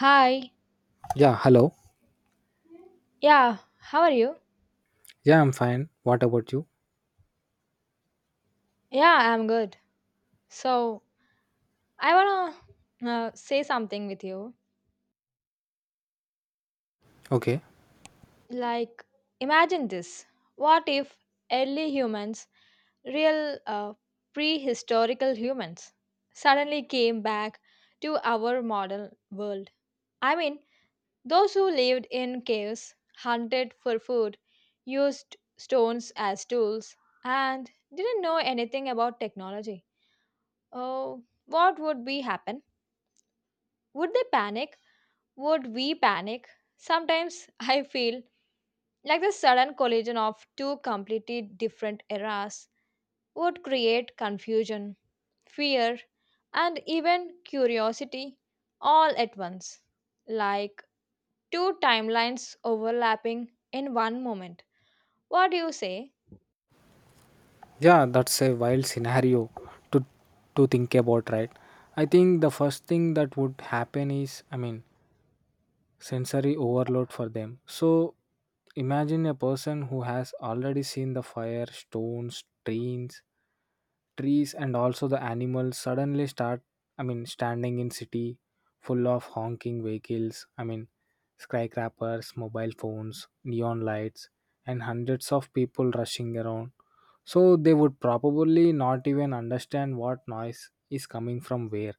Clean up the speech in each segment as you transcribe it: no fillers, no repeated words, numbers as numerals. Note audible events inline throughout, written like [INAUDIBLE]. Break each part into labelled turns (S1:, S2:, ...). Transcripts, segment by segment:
S1: Hi.
S2: Yeah, hello.
S1: Yeah, how are you?
S2: Yeah, I'm fine. What about you?
S1: Yeah, I'm good. So, I want to say something with you.
S2: Okay.
S1: Like, imagine this. What if early humans, real prehistorical humans, suddenly came back to our modern world? I mean, those who lived in caves, hunted for food, used stones as tools, and didn't know anything about technology. Oh, what would be happen? Would they panic? Would we panic? Sometimes [LAUGHS] I feel like the sudden collision of two completely different eras would create confusion, fear, and even curiosity all at once. Like two timelines overlapping in one moment. What do you say?
S2: Yeah, that's a wild scenario to to think about, right? I think the first thing that would happen is, I mean, sensory overload for them. So imagine a person who has already seen the fire, stones, trains, trees and also the animals suddenly start, I mean, standing in city full of honking vehicles, I mean, skyscrapers, mobile phones, neon lights and hundreds of people rushing around. So they would probably not even understand what noise is coming from where.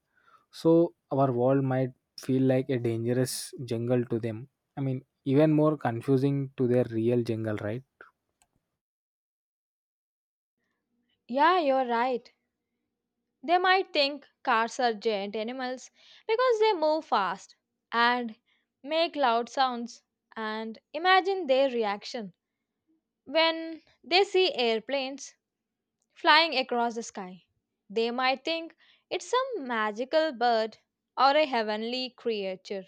S2: So our world might feel like a dangerous jungle to them. I mean, even more confusing to their real jungle, right?
S1: Yeah, you're right. They might think cars are giant animals because they move fast and make loud sounds, and imagine their reaction when they see airplanes flying across the sky. They might think it's some magical bird or a heavenly creature.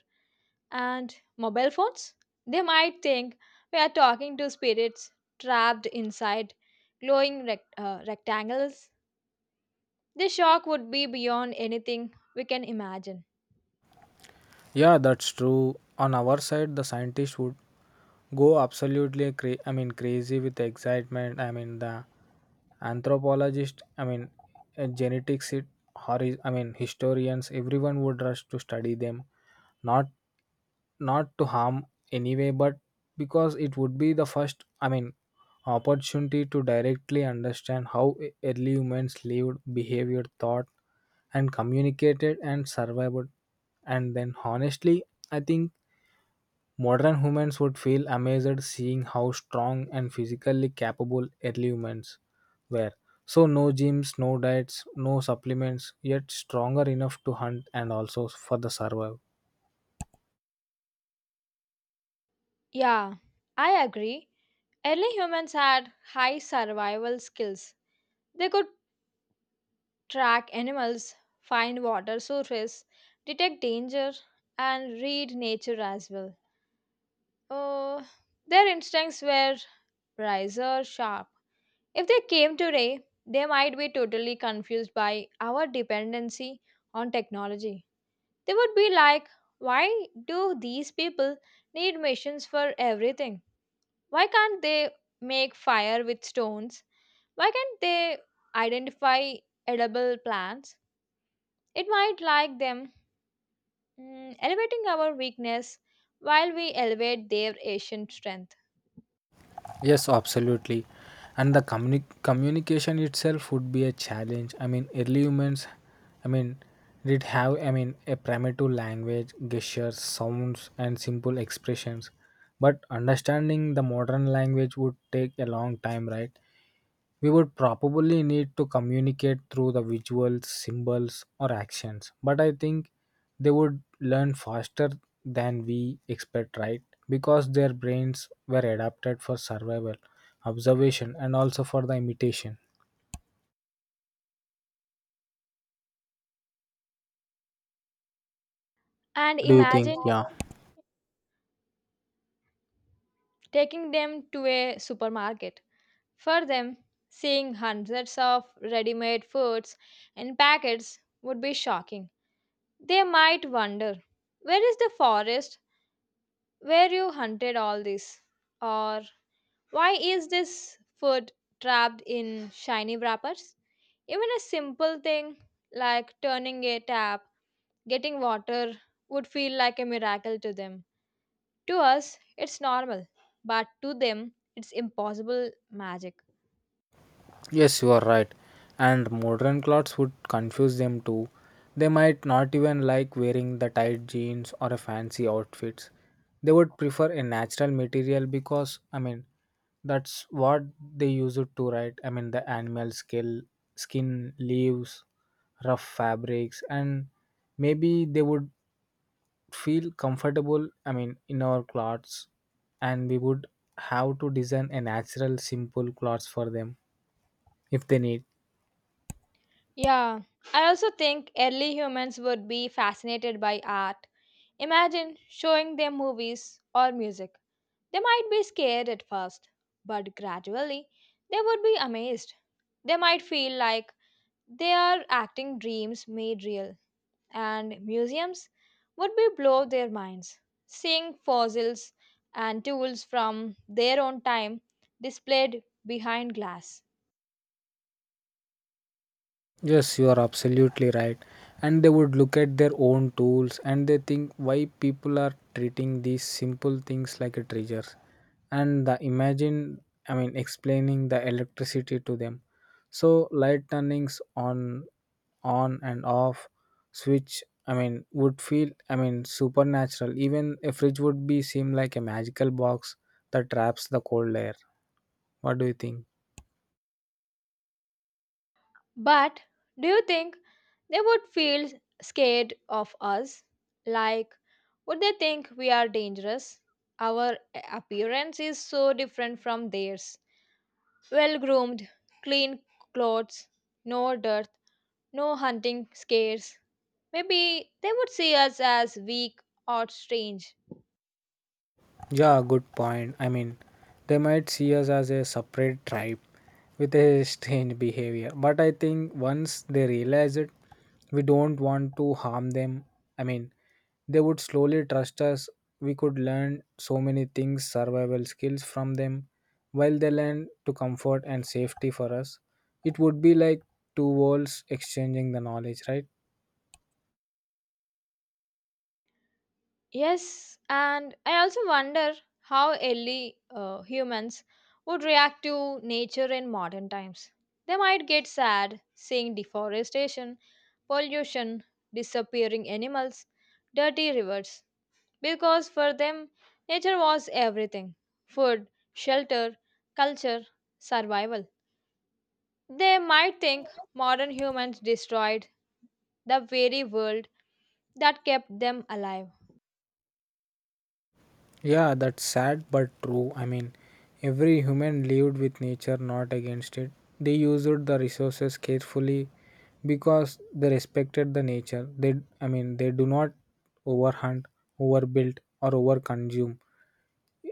S1: And mobile phones? They might think we are talking to spirits trapped inside glowing rectangles. The shock would be beyond anything we can imagine.
S2: Yeah, that's true. On our side, the scientists would go absolutely, I mean, crazy with excitement. I mean, the anthropologists, I mean, genetics it I mean historians, everyone would rush to study them, not not to harm anyway, but because it would be the first, I mean, opportunity to directly understand how early humans lived, behavior, thought, and communicated and survived. And then, honestly, I think modern humans would feel amazed seeing how strong and physically capable early humans were. So, no gyms, no diets, no supplements, yet stronger enough to hunt and also for the survival.
S1: Yeah, I agree. Early humans had high survival skills. They could track animals, find water sources, detect danger, and read nature as well. Uh, their instincts were razor sharp. If they came today, they might be totally confused by our dependency on technology. They would be like, why do these people need machines for everything? Why can't they make fire with stones? Why can't they identify edible plants? It might like them, elevating our weakness while we elevate their ancient strength.
S2: Yes, absolutely. And the communication itself would be a challenge. I mean, early humans, I mean, did have, I mean, a primitive language, gestures, sounds, and simple expressions. But understanding the modern language would take a long time, right? We would probably need to communicate through the visuals, symbols, or actions, but I think they would learn faster than we expect, right? Because their brains were adapted for survival, observation, and also for the imitation.
S1: And
S2: What do you think?
S1: imagine
S2: Yeah.
S1: taking them to a supermarket. For them, seeing hundreds of ready made foods in packets would be shocking. They might wonder, where is the forest where you hunted all this? Or why is this food trapped in shiny wrappers? Even a simple thing like turning a tap, getting water would feel like a miracle to them. To us, it's normal, but to them, it's impossible magic.
S2: Yes, you are right. And modern clothes would confuse them too. They might not even like wearing the tight jeans or a fancy outfits. They would prefer a natural material, because, I mean, that's what they use it to, right. I mean, the animal skin, leaves, rough fabrics, and maybe they would feel comfortable, I mean, in our clothes, and we would have to design a natural simple clothes for them if they need.
S1: Yeah, I also think early humans would be fascinated by art. Imagine showing them movies or music. They might be scared at first, but gradually they would be amazed. They might feel like they are acting dreams made real, and museums would be blow their minds. Seeing fossils and tools from their own time displayed behind glass.
S2: Yes, you are absolutely right. And they would look at their own tools and they think why people are treating these simple things like a treasure. And the imagine, I mean, explaining the electricity to them. So light turnings on and off, switch. I mean, would feel, I mean, supernatural. Even a fridge would be seem like a magical box that traps the cold air. What do you think?
S1: But do you think they would feel scared of us? Like, would they think we are dangerous? Our appearance is so different from theirs. Well groomed, clean clothes, no dirt, no hunting scares. Maybe they would see us as weak or strange.
S2: Yeah, good point. I mean, they might see us as a separate tribe with a strange behavior, but I think once they realize it, we don't want to harm them. I mean, they would slowly trust us. We could learn so many things, survival skills from them, while they learn to comfort and safety for us. It would be like two worlds exchanging the knowledge, right?
S1: Yes, and I also wonder how early humans would react to nature in modern times. They might get sad seeing deforestation, pollution, disappearing animals, dirty rivers, because for them, nature was everything: food, shelter, culture, survival. They might think modern humans destroyed the very world that kept them alive.
S2: Yeah, that's sad but true. I mean, every human lived with nature, not against it. They used the resources carefully because they respected the nature. They, I mean, they do not overhunt, overbuild, or overconsume.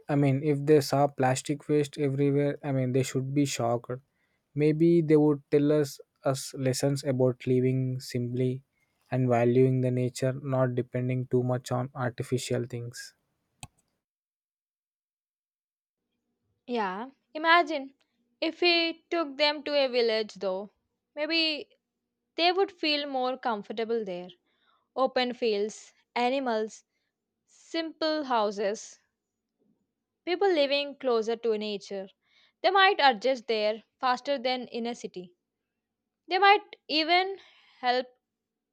S2: I mean, if they saw plastic waste everywhere, I mean, they should be shocked. Maybe they would tell us lessons about living simply and valuing the nature, not depending too much on artificial things.
S1: Yeah, imagine if we took them to a village though. Maybe they would feel more comfortable there. Open fields, animals, simple houses, people living closer to nature. They might adjust there faster than in a city. They might even help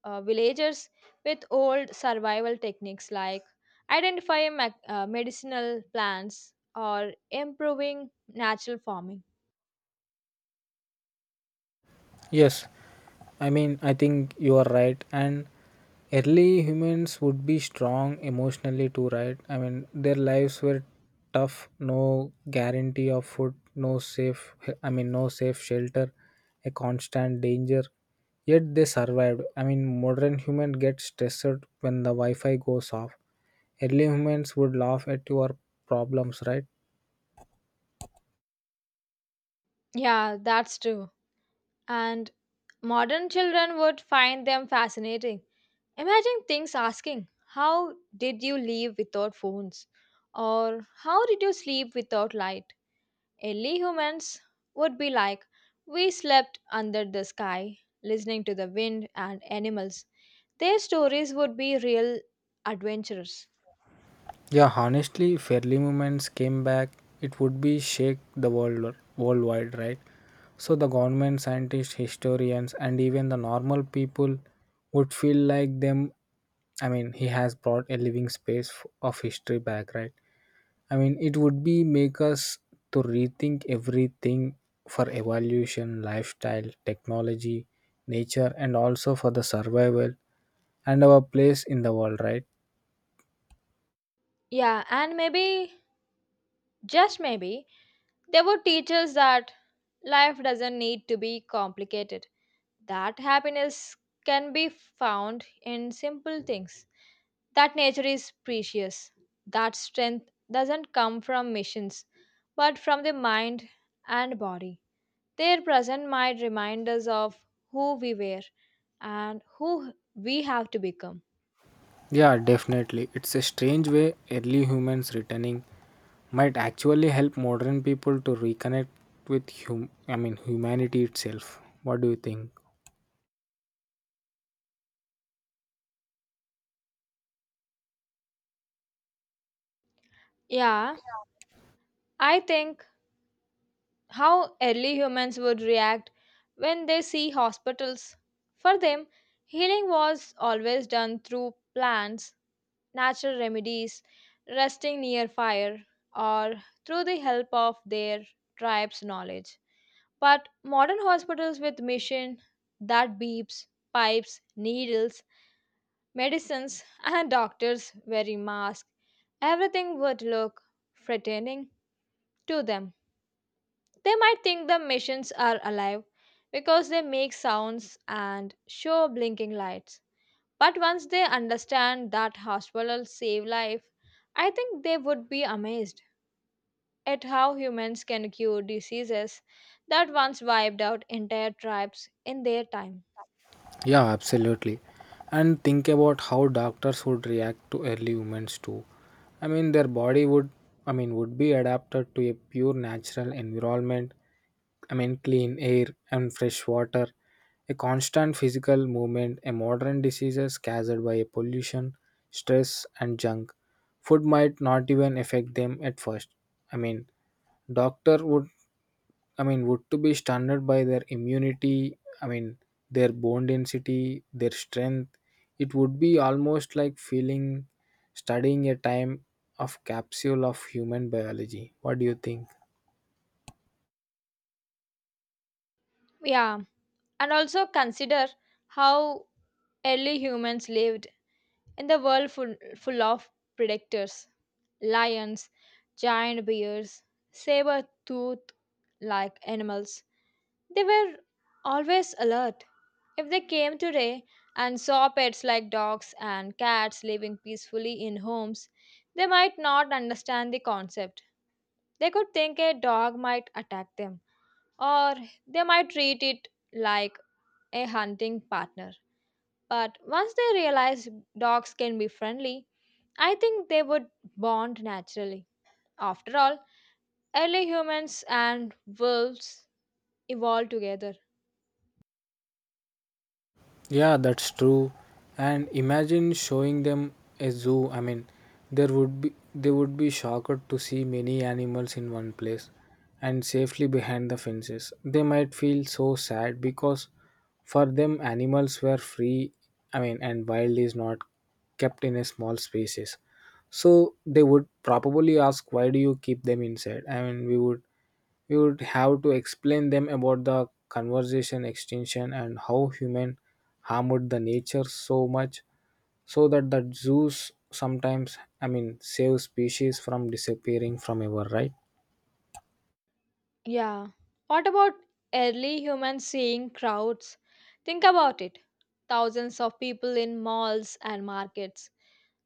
S1: villagers with old survival techniques like identifying medicinal plants or improving natural farming.
S2: Yes, I mean, I think you are right. And early humans would be strong emotionally too, right? I mean, their lives were tough. No guarantee of food, no safe. I mean, no safe shelter, a constant danger. Yet they survived. I mean, modern human gets stressed when the Wi-Fi goes off. Early humans would laugh at your problems, right?
S1: Yeah, that's true. And modern children would find them fascinating. Imagine things asking, how did you live without phones? Or how did you sleep without light? Early humans would be like, we slept under the sky, listening to the wind and animals. Their stories would be real adventures.
S2: Yeah, honestly, fairly movements came back, it would be shake the world worldwide, right? So the government, scientists, historians, and even the normal people would feel like them. I mean, he has brought a living space of history back, right? I mean, it would be make us to rethink everything for evolution, lifestyle, technology, nature, and also for the survival and our place in the world, right?
S1: Yeah, and maybe, just maybe, they would teach us that life doesn't need to be complicated, that happiness can be found in simple things, that nature is precious, that strength doesn't come from missions but from the mind and body. Their present might remind us of who we were and who we have to become.
S2: Yeah, definitely. It's a strange way early humans returning might actually help modern people to reconnect with hum I mean humanity itself. What do you think?
S1: Yeah, I think how early humans would react when they see hospitals. For them, healing was always done through plants, natural remedies, resting near fire, or through the help of their tribe's knowledge. But modern hospitals with machine that beeps, pipes, needles, medicines, and doctors wearing masks, everything would look threatening to them. They might think the machines are alive because they make sounds and show blinking lights. But once they understand that hospitals save life, I think they would be amazed at how humans can cure diseases that once wiped out entire tribes in their time.
S2: Yeah, absolutely. And think about how doctors would react to early humans too. I mean, their body would, I mean, would be adapted to a pure natural environment, I mean, clean air and fresh water, a constant physical movement, a modern diseases caused by pollution, stress, and junk. Food might not even affect them at first. I mean, doctor would, I mean, would to be stunned by their immunity. I mean, their bone density, their strength. It would be almost like feeling, studying a time of capsule of human biology. What do you think?
S1: Yeah, and also consider how early humans lived in the world full of predators, lions, giant bears, saber-toothed like animals. They were always alert. If they came today and saw pets like dogs and cats living peacefully in homes, they might not understand the concept. They could think a dog might attack them, or they might treat it like a hunting partner. But once they realize dogs can be friendly, I think they would bond naturally. After all, early humans and wolves evolved together.
S2: Yeah, that's true. And imagine showing them a zoo. I mean, there would be they would be shocked to see many animals in one place and safely behind the fences. They might feel so sad because for them animals were free, I mean, and wild is not kept in a small spaces. So they would probably ask why do you keep them inside? I mean, we would you would have to explain them about the conversation extinction and how human harmed the nature so much so that the zoos sometimes, I mean, save species from disappearing from ever, right.
S1: Yeah. What about early humans seeing crowds? Think about it. Thousands of people in malls and markets.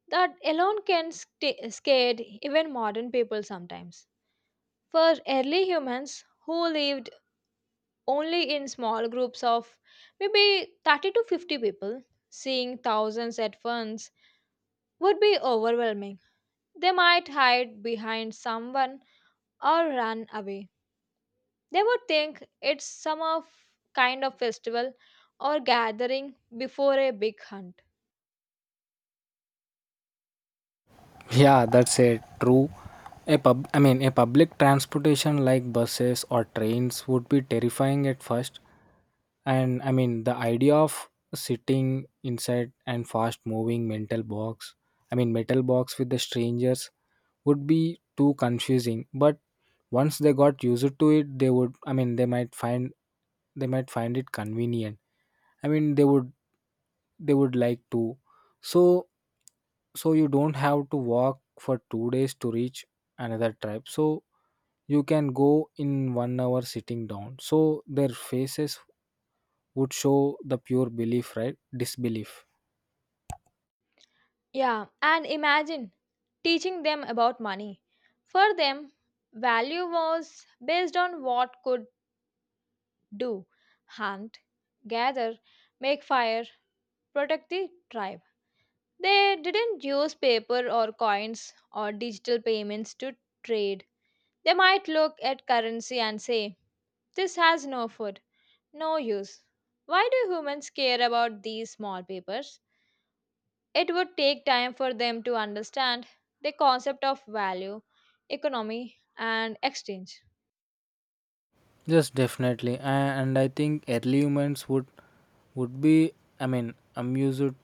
S1: That alone can sta scare even modern people sometimes. For early humans who lived only in small groups of maybe 30 to 50 people, seeing thousands at once would be overwhelming. They might hide behind someone or run away. They would think it's some of kind of festival or gathering before a big hunt.
S2: Yeah, that's a true. A pub I mean, a public transportation like buses or trains would be terrifying at first. And, I mean, the idea of sitting inside and fast moving mental box I mean metal box with the strangers would be too confusing. But once they got used to it, they would, I mean, they might find it convenient. I mean, they would like to. So so you don't have to walk for 2 days to reach another tribe. So you can go in 1 hour sitting down. So their faces would show the pure belief right disbelief.
S1: Yeah, and imagine teaching them about money. For them, value was based on what could do: hunt, gather, make fire, protect the tribe. They didn't use paper or coins or digital payments to trade. They might look at currency and say, this has no food. No use. Why do humans care about these small papers? It would take time for them to understand the concept of value, economy, and exchange.
S2: Yes, definitely. And I think early humans would be, I mean, amused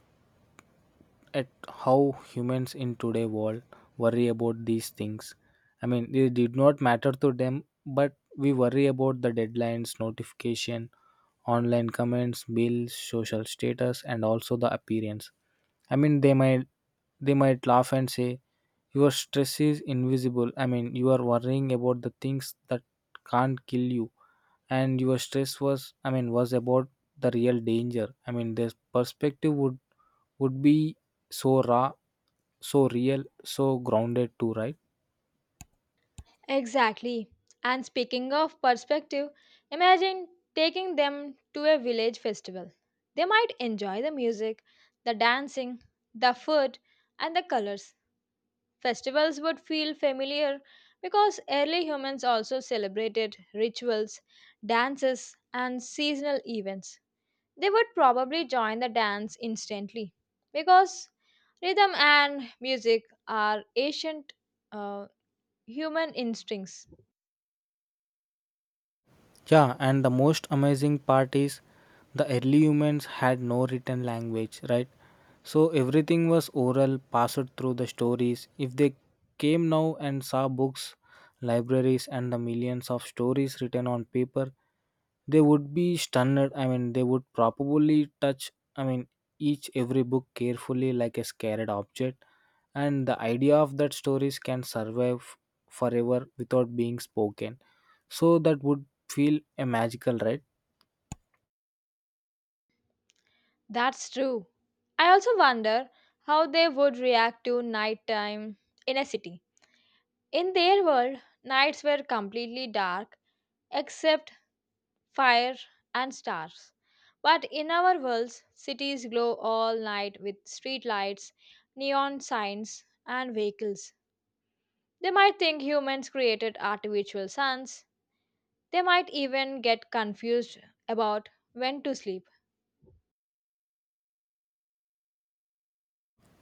S2: at how humans in today world worry about these things. I mean, they did not matter to them, but we worry about the deadlines, notification, online comments, bills, social status, and also the appearance. I mean, they might laugh and say, "Your stress is invisible." I mean, you are worrying about the things that can't kill you, and your stress was, I mean, was about the real danger. I mean, their perspective would be so raw, so real, so grounded too, right?
S1: Exactly. And speaking of perspective, imagine taking them to a village festival. They might enjoy the music, the dancing, the food, and the colors. Festivals would feel familiar because early humans also celebrated rituals, dances, and seasonal events. They would probably join the dance instantly because rhythm and music are ancient uh, human instincts.
S2: Yeah, and the most amazing part is the early humans had no written language, right? So everything was oral, passed through the stories. If they came now and saw books, libraries, and the millions of stories written on paper, they would be stunned. I mean, they would probably touch, I mean, each every book carefully like a scared object. And the idea of that stories can survive forever without being spoken, so that would feel a magical, right.
S1: That's true. I also wonder how they would react to nighttime in a city. In their world, nights were completely dark except fire, and stars. But in our worlds, cities glow all night with street lights, neon signs, and vehicles. They might think humans created artificial suns. They might even get confused about when to sleep.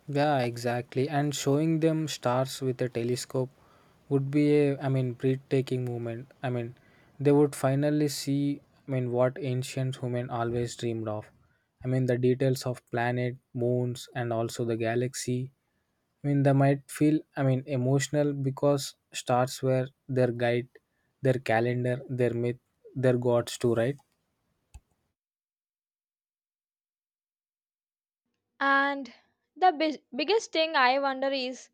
S2: Yeah, exactly. And showing them stars with a telescope would be a, I mean, breathtaking moment. I mean, they would finally see, I mean, what ancient human always dreamed of. I mean, the details of planet, moons, and also the galaxy. I mean, they might feel, I mean, emotional because stars were their guide, their calendar, their myth, their gods too, right?
S1: And the biggest thing I wonder is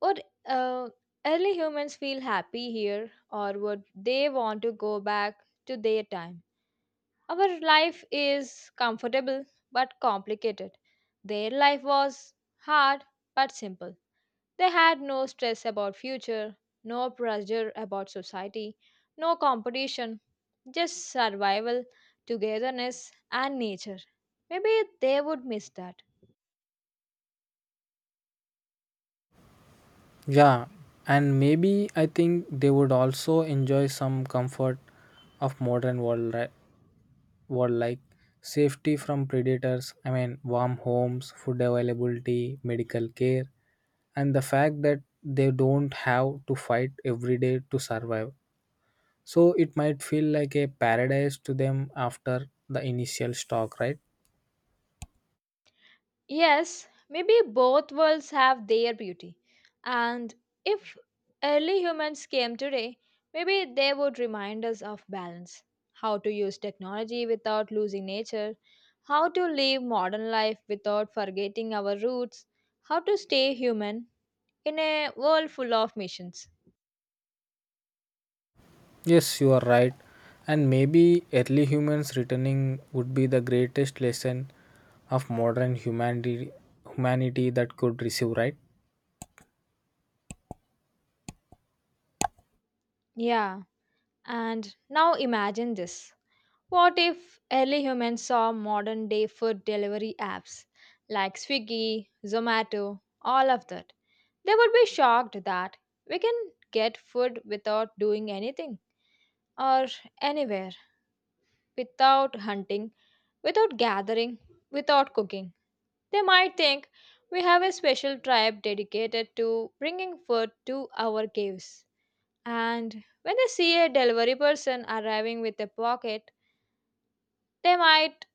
S1: would uh, early humans feel happy here or would they want to go back to their time? Our life is comfortable but complicated. Their life was hard but simple. They had no stress about future, no pressure about society, no competition, just survival, togetherness and nature. Maybe they would miss that.
S2: Yeah, and maybe I think they would also enjoy some comfort of modern world, right? World like safety from predators. I mean, warm homes, food availability, medical care, and the fact that they don't have to fight every day to survive. So it might feel like a paradise to them after the initial shock, right.
S1: Yes, maybe both worlds have their beauty. And if early humans came today, maybe they would remind us of balance: how to use technology without losing nature, how to live modern life without forgetting our roots, how to stay human in a world full of missions.
S2: Yes, you are right, and maybe early humans returning would be the greatest lesson of modern humanity that could receive, right.
S1: Yeah, and now imagine this. What if early humans saw modern day food delivery apps like Swiggy, Zomato, all of that? They would be shocked that we can get food without doing anything or anywhere, without hunting, without gathering, without cooking. They might think we have a special tribe dedicated to bringing food to our caves. And when they see a delivery person arriving with a pocket, they might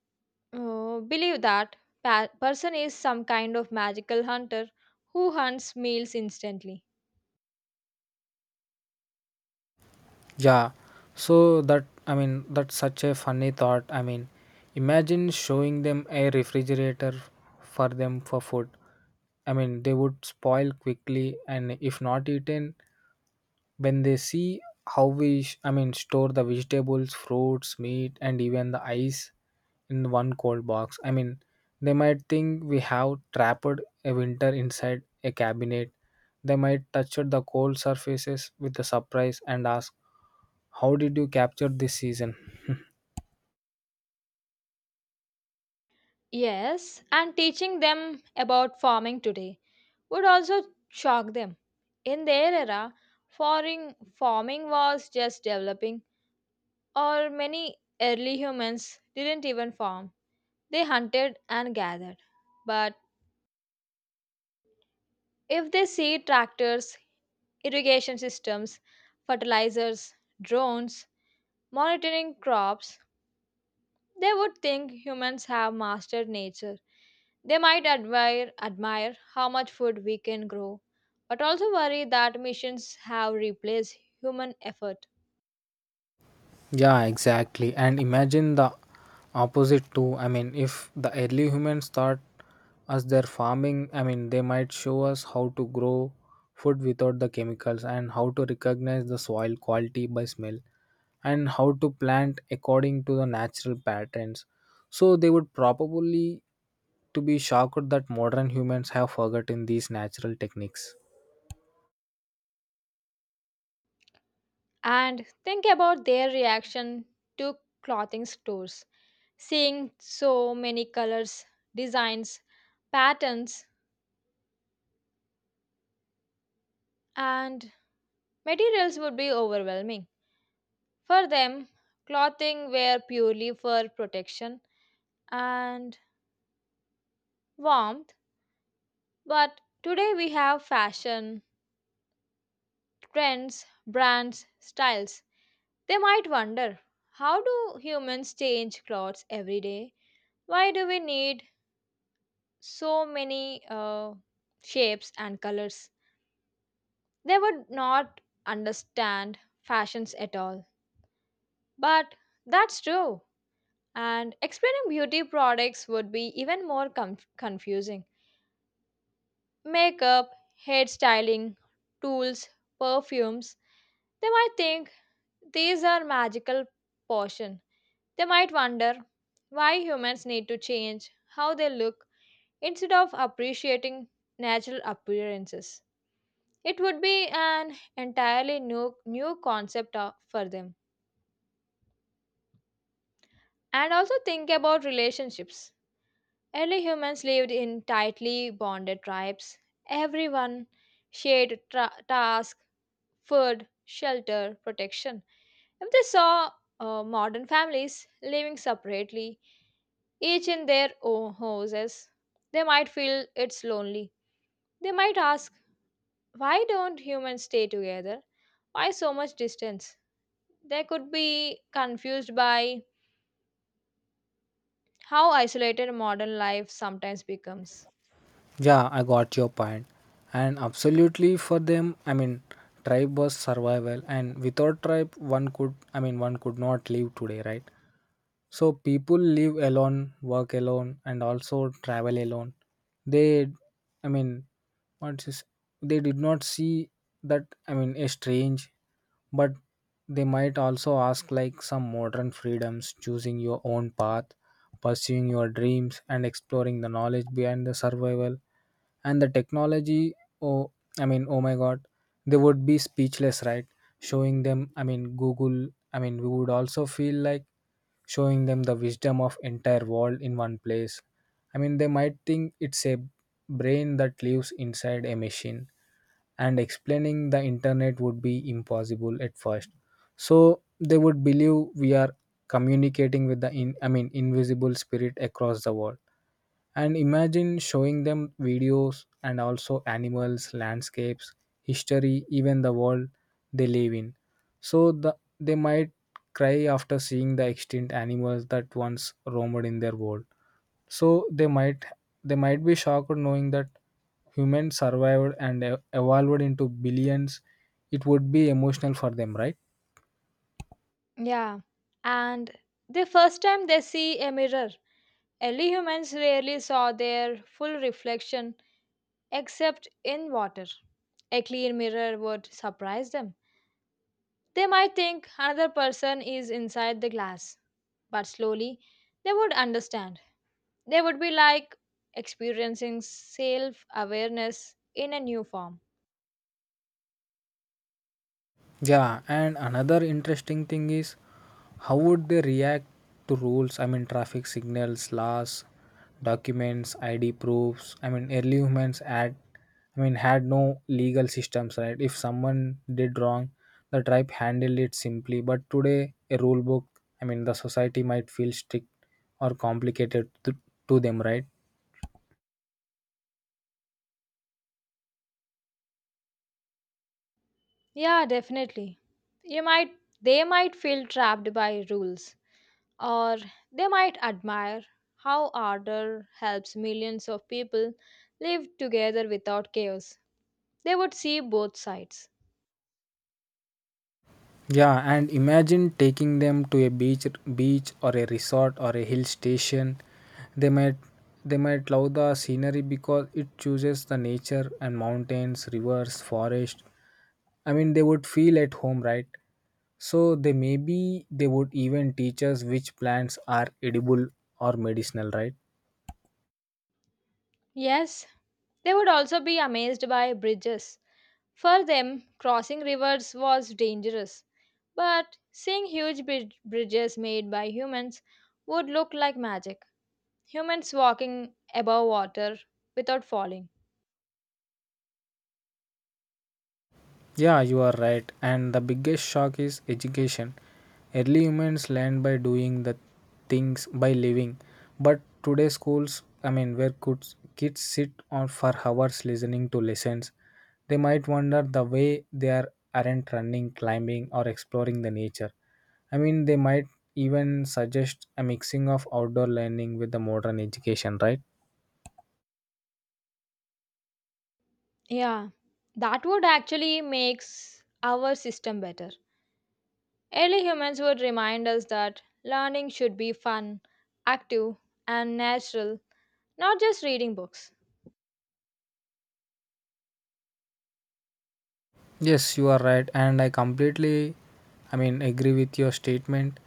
S1: believe that person is some kind of magical hunter who hunts meals instantly.
S2: Yeah, so that I mean, that's such a funny thought. I mean, imagine showing them a refrigerator. For them, for food, I mean, they would spoil quickly and if not eaten. When they see how we, I mean, store the vegetables, fruits, meat, and even the ice in one cold box, I mean, they might think we have trapped a winter inside a cabinet. They might touch the cold surfaces with a surprise and ask, how did you capture this season? [LAUGHS]
S1: Yes, and teaching them about farming today would also shock them. In their era, farming was just developing, or many early humans didn't even farm. They hunted and gathered. But if they see tractors, irrigation systems, fertilizers, drones, monitoring crops, they would think humans have mastered nature. They might admire how much food we can grow, but also worry that missions have replaced human effort.
S2: Yeah, exactly. And imagine the opposite too. I mean, if the early humans taught us their farming, I mean, they might show us how to grow food without the chemicals and how to recognize the soil quality by smell and how to plant according to the natural patterns. So they would probably to be shocked that modern humans have forgotten these natural techniques.
S1: And think about their reaction to clothing stores, seeing so many colors, designs, patterns, and materials would be overwhelming. For them, clothing were purely for protection and warmth. But today we have fashion, trends, brands, styles. They might wonder how do humans change clothes every day? Why do we need so many shapes and colors? They would not understand fashions at all. But that's true. And explaining beauty products would be even more confusing. Makeup, hair styling, tools, perfumes. They might think these are magical portion. They might wonder why humans need to change how they look instead of appreciating natural appearances. It would be an entirely new concept for them. And also think about relationships. Early humans lived in tightly bonded tribes. Everyone shared task, food, shelter, protection. If they saw modern families living separately, each in their own houses. They might feel it's lonely. They might ask, why don't humans stay together? Why so much distance? They could be confused by how isolated modern life sometimes becomes.
S2: Yeah, I got your point. And absolutely for them, I mean, tribe was survival, and without tribe, one could, I mean, one could not live today, right? So people live alone, work alone, and also travel alone. They, I mean, what is they did not see that, I mean, a strange, but they might also ask like some modern freedoms, choosing your own path, pursuing your dreams, and exploring the knowledge behind the survival and the technology. Oh, I mean, oh my God, they would be speechless, right? Showing them, I mean, Google. I mean, we would also feel like showing them the wisdom of entire world in one place. I mean, they might think it's a brain that lives inside a machine, and explaining the internet would be impossible at first. So they would believe we are communicating with the I mean, invisible spirit across the world. And imagine showing them videos and also animals, landscapes, history, even the world they live in. So they might cry after seeing the extinct animals that once roamed in their world. So they might be shocked knowing that humans survived and evolved into billions. It would be emotional for them, right.
S1: Yeah, and the first time they see a mirror, early humans rarely saw their full reflection except in water. A clean mirror would surprise them. They might think another person is inside the glass, but slowly they would understand. They would be like experiencing self awareness in a new form.
S2: Yeah, and another interesting thing is how would they react to rules? I mean, traffic signals, laws, documents, ID proofs. I mean, early humans had, I mean, had no legal systems, right? If someone did wrong, the tribe handled it simply. But today, a rule book, I mean, the society might feel strict or complicated to them, right?
S1: Yeah, definitely. You might they might feel trapped by rules or they might admire how order helps millions of people live together without chaos. They would see both sides.
S2: Yeah, and imagine taking them to a beach or a resort or a hill station. They might they might love the scenery because it chooses the nature and mountains, rivers, forest. I mean, they would feel at home, right? So they, maybe they would even teach us which plants are edible or medicinal, right?
S1: Yes, they would also be amazed by bridges. For them, crossing rivers was dangerous, but seeing huge bridges made by humans would look like magic. Humans walking above water without falling.
S2: Yeah, you are right. And the biggest shock is education. Early humans learned by doing the things by living. But today schools, I mean, where could kids sit on for hours listening to lessons, they might wonder the way they are aren't running, climbing, or exploring the nature. I mean, they might even suggest a mixing of outdoor learning with the modern education, right?
S1: Yeah, that would actually makes our system better. Early humans would remind us that learning should be fun, active, and natural, not just reading books.
S2: Yes, you are right, and I completely, I mean, agree with your statement.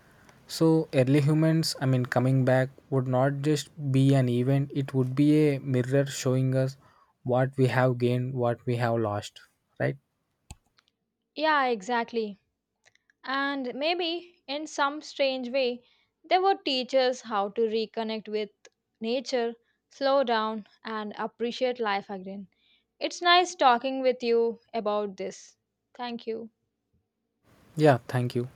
S2: So, early humans, I mean, coming back would not just be an event, it would be a mirror showing us what we have gained, what we have lost, right?
S1: Yeah, exactly. And maybe, in some strange way, they would teach us how to reconnect with nature, slow down, and appreciate life again. It's nice talking with you about this. Thank you.
S2: Yeah, thank you.